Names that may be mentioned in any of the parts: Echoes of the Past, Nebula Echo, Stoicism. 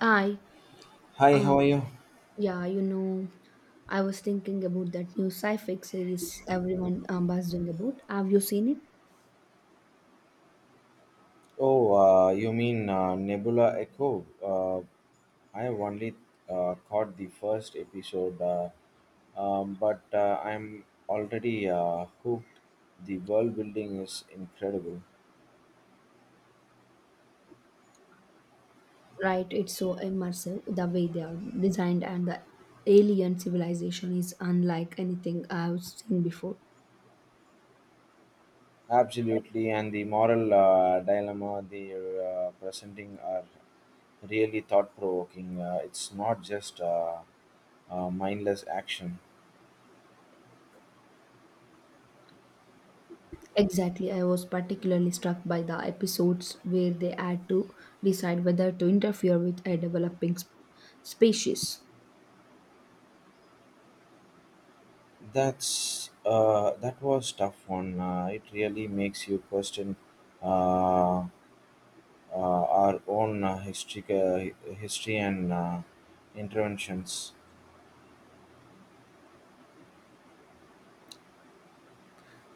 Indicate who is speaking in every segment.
Speaker 1: I,
Speaker 2: Hi,
Speaker 1: um,
Speaker 2: how are you?
Speaker 1: yeah, you know, I was thinking about that new sci-fi series everyone buzzing about. Have you seen it?
Speaker 2: Oh, you mean Nebula Echo? I have only caught the first episode, but I'm already hooked. The world building is incredible.
Speaker 1: Right, it's so immersive the way they are designed, and the alien civilization is unlike anything I've seen before.
Speaker 2: Absolutely, and the moral dilemma they're presenting are really thought provoking. It's not just mindless action.
Speaker 1: Exactly, I was particularly struck by the episodes where they had to decide whether to interfere with a developing species.
Speaker 2: That was tough one. It really makes you question uh, our own history and interventions.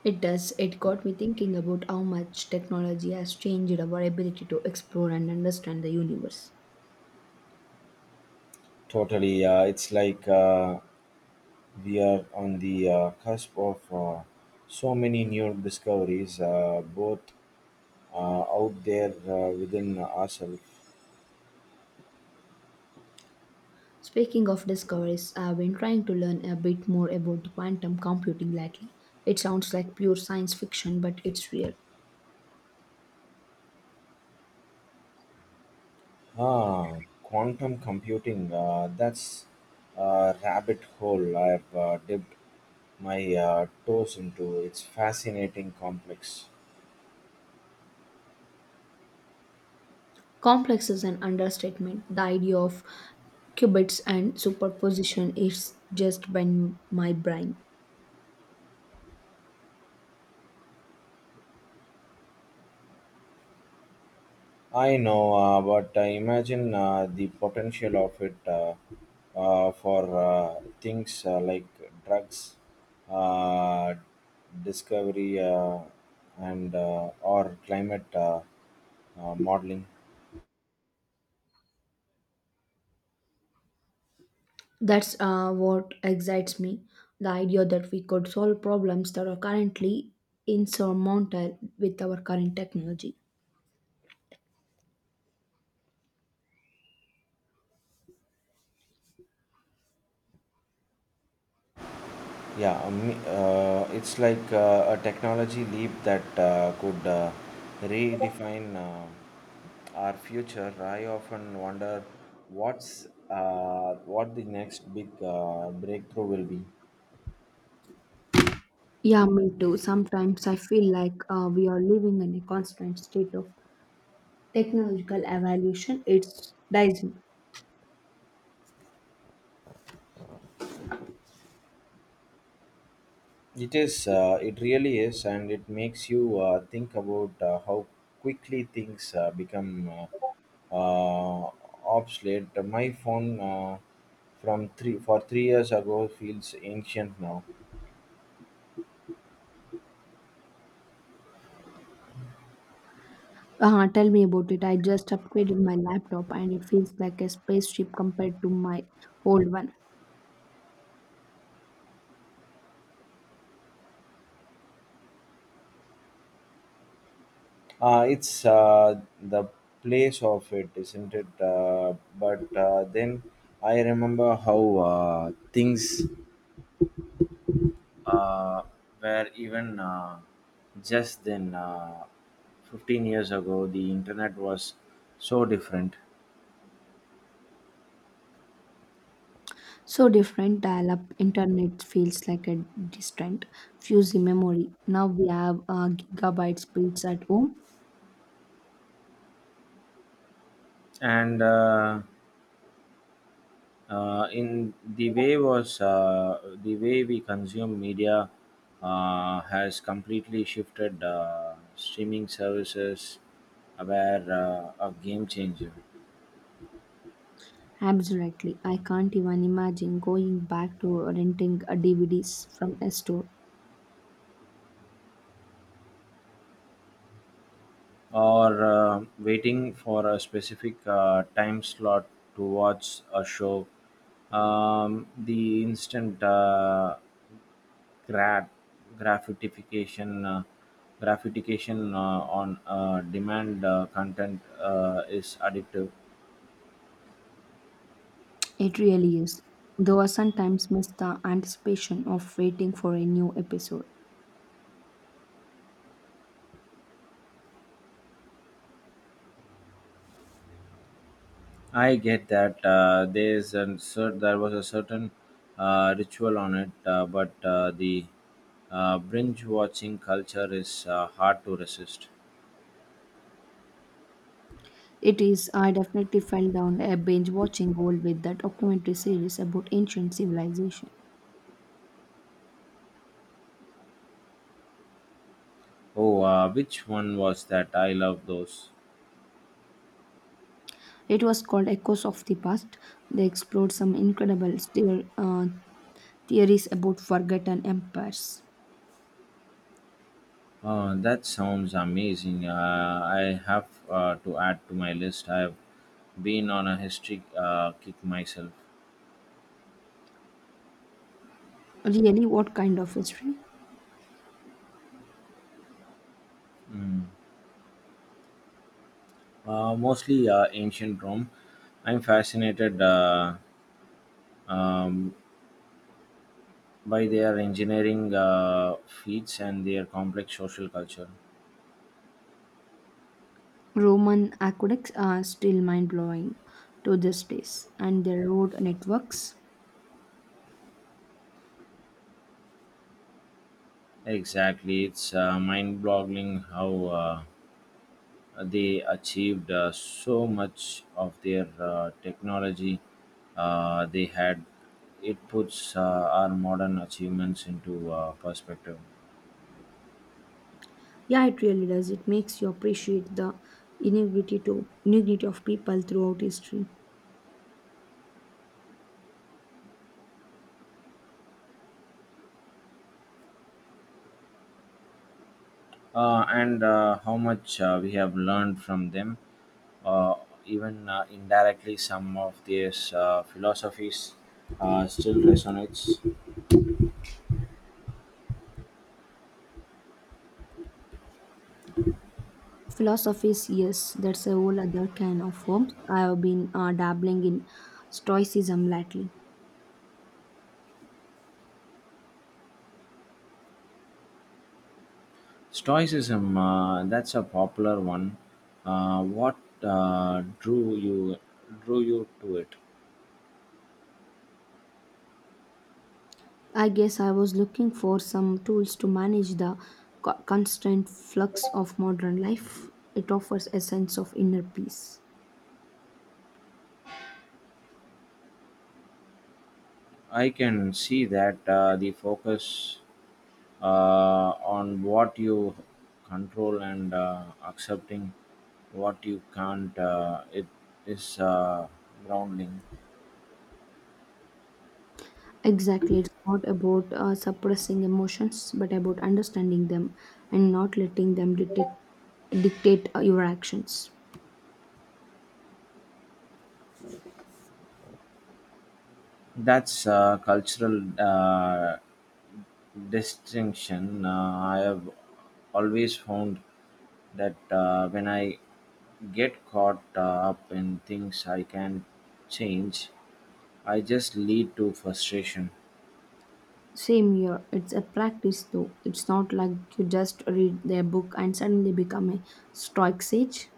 Speaker 1: It does. It got me thinking about how much technology has changed our ability to explore and understand the universe.
Speaker 2: Totally, it's like we are on the cusp of so many new discoveries, both out there within ourselves.
Speaker 1: Speaking of discoveries, I've been trying to learn a bit more about quantum computing lately. It sounds like pure science fiction, but it's real.
Speaker 2: Ah, quantum computing. That's a rabbit hole I've dipped my toes into. It's fascinating complex.
Speaker 1: Complex is an understatement. The idea of qubits and superposition is just been my brain.
Speaker 2: I know, but I imagine the potential of it for things like drugs, uh, discovery, and or climate modeling.
Speaker 1: That's What excites me, the idea that we could solve problems that are currently insurmountable with our current technology.
Speaker 2: Yeah, it's like a technology leap that could redefine our future. I often wonder what the next big breakthrough will be.
Speaker 1: Yeah, me too. Sometimes I feel like we are living in a constant state of technological evolution. It's dizing.
Speaker 2: It is, it really is, and it makes you think about how quickly things become uh, uh, obsolete. My phone from 3 years ago feels ancient now.
Speaker 1: Tell me about it. I just upgraded my laptop and it feels like a spaceship compared to my old one.
Speaker 2: It's the place of it, isn't it? But then I remember how things uh, were even just then. 15 years ago, the internet was so different.
Speaker 1: So different, dial-up internet feels like a distant, fuzzy memory. Now we have gigabyte speeds at home.
Speaker 2: And in the way was The way we consume media has completely shifted streaming services were a game changer,
Speaker 1: Absolutely, I can't even imagine going back to renting DVDs from a store.
Speaker 2: or waiting for a specific time slot to watch a show. The instant grat- gratification, on demand content is addictive.
Speaker 1: It really is. Though I sometimes miss the anticipation of waiting for a new episode.
Speaker 2: I get that, there was a certain ritual on it, but the binge watching culture is hard to resist.
Speaker 1: It is. I definitely fell down a binge watching hole with that documentary series about ancient civilization.
Speaker 2: Oh, which one was that? I love those.
Speaker 1: It was called Echoes of the Past. They explored some incredible theories about forgotten empires.
Speaker 2: Oh, that sounds amazing. I have to add to my list. I've been on a history kick myself.
Speaker 1: Really, what kind of history?
Speaker 2: Mm. Mostly ancient Rome. I'm fascinated, um, by their engineering feats and their complex social culture.
Speaker 1: Roman aqueducts are still mind blowing to this days, and their road networks.
Speaker 2: Exactly, it's mind-boggling how they achieved so much of their technology they had. It puts our modern achievements into perspective,
Speaker 1: Yeah, it really does. It makes you appreciate the inequity of people throughout history.
Speaker 2: and how much we have learned from them. Uh, Even indirectly, some of these philosophies still resonates.
Speaker 1: Philosophies, yes, that's a whole other can of worms. I have been dabbling in Stoicism lately.
Speaker 2: Stoicism, that's a popular one. What uh, drew you drew you to it?
Speaker 1: I guess I was looking for some tools to manage the constant flux of modern life. It offers a sense of inner peace.
Speaker 2: I can see that, the focus uh, on what you control and accepting what you can't. It is grounding.
Speaker 1: Exactly, it's not about suppressing emotions, but about understanding them and not letting them dictate your actions.
Speaker 2: That's a cultural distinction. I have always found that when I get caught up in things I can't change, I just lead to frustration.
Speaker 1: Same here, it's a practice though. It's not like you just read their book and suddenly become a stoic sage.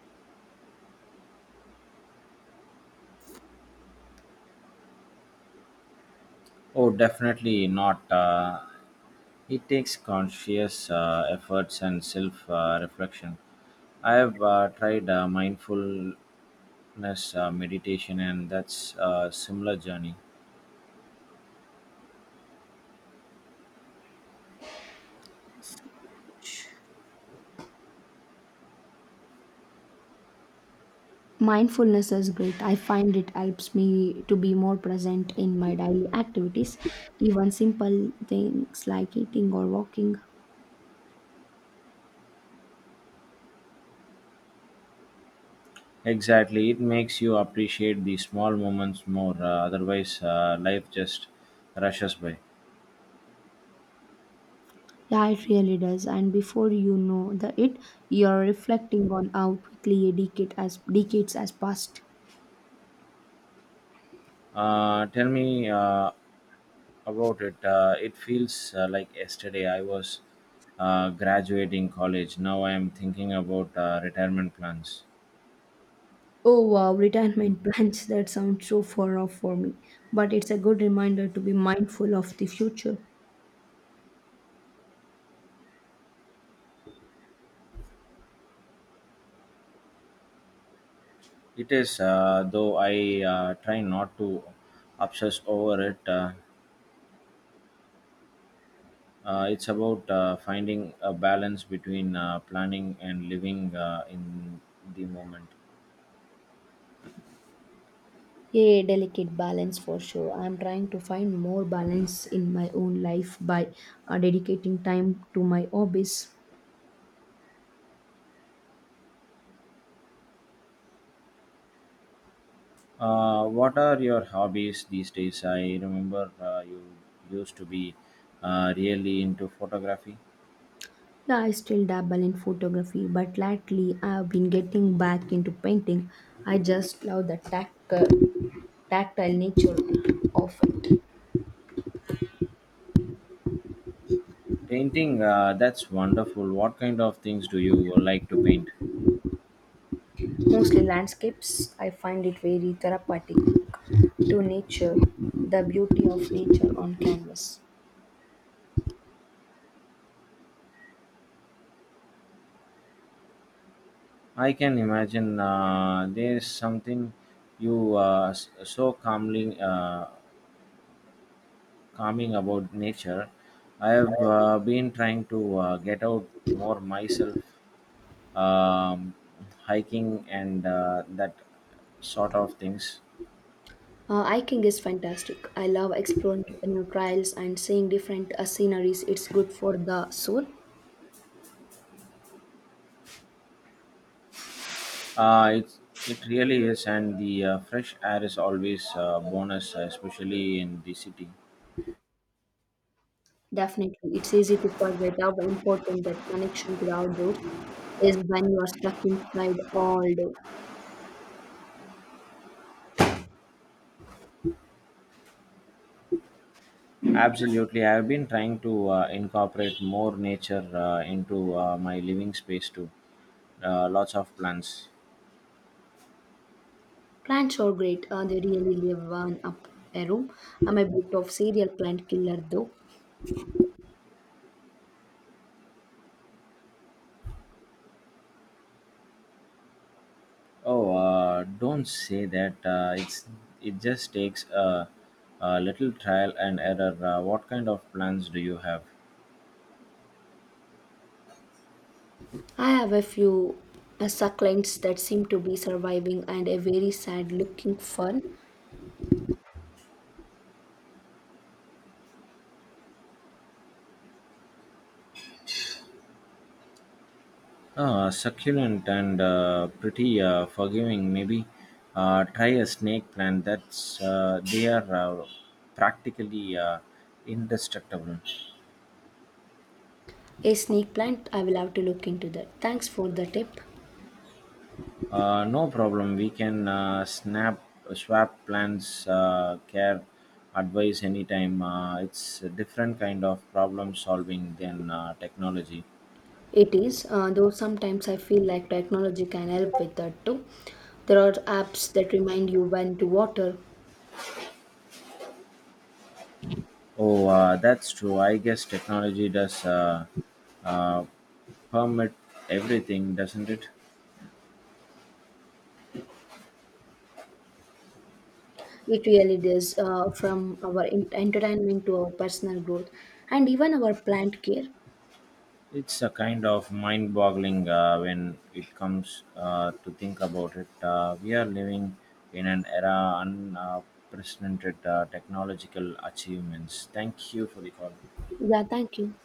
Speaker 2: Oh, definitely not. It takes conscious efforts and self reflection. I have tried mindfulness meditation, and that's a similar journey.
Speaker 1: Mindfulness is great. I find it helps me to be more present in my daily activities, even simple things like eating or walking.
Speaker 2: Exactly, it makes you appreciate the small moments more. Otherwise, life just rushes by.
Speaker 1: Yeah, it really does. And before you know the it, you're reflecting on how quickly a decade has decades has passed.
Speaker 2: Tell me, about it. It feels like yesterday I was graduating college. Now I am thinking about retirement plans.
Speaker 1: Oh wow, retirement plans, that sounds so far off for me. But it's a good reminder to be mindful of the future.
Speaker 2: It is, though I try not to obsess over it. It's about finding a balance between planning and living in the moment.
Speaker 1: A delicate balance for sure. I'm trying to find more balance in my own life by dedicating time to my hobbies.
Speaker 2: What are your hobbies these days? I remember you used to be really into photography.
Speaker 1: Yeah, I still dabble in photography, but lately I've been getting back into painting. I just love the tactile nature of it.
Speaker 2: Painting, that's wonderful. What kind of things do you like to paint?
Speaker 1: Mostly landscapes. I find it very therapeutic, to nature, the beauty of nature on canvas.
Speaker 2: I can imagine, there's something you s- so calmly calming about nature. I have been trying to get out more myself, um, hiking and that sort of things.
Speaker 1: Hiking is fantastic. I love exploring new trails and seeing different sceneries. It's good for the soul.
Speaker 2: It really is, and the fresh air is always a bonus, especially in the city.
Speaker 1: Definitely. It's easy to forget how important that connection to the outdoors is when you are stuck inside all day.
Speaker 2: Absolutely, I've been trying to incorporate more nature into my living space too. Lots of plants.
Speaker 1: Plants are great. They really live one up a room. I'm a bit of serial plant killer though.
Speaker 2: Oh, don't say that. It's it just takes a little trial and error. What kind of plants do you have?
Speaker 1: I have a few succulents that seem to be surviving and a very sad looking fern.
Speaker 2: Succulent and pretty forgiving. Maybe try a snake plant. That's they are uh, practically indestructible.
Speaker 1: A snake plant. I will have to look into that. Thanks for the tip.
Speaker 2: No problem. We can snap swap plans, care, advice anytime. It's a different kind of problem solving than technology.
Speaker 1: It is, though sometimes I feel like technology can help with that too. There are apps that remind you when to water.
Speaker 2: Oh, that's true. I guess technology does uh, permit everything, doesn't it?
Speaker 1: It really does, from our entertainment to our personal growth and even our plant care.
Speaker 2: It's a kind of mind boggling when it comes to think about it. We are living in an era unprecedented technological achievements. Thank you for the call.
Speaker 1: Yeah, thank you.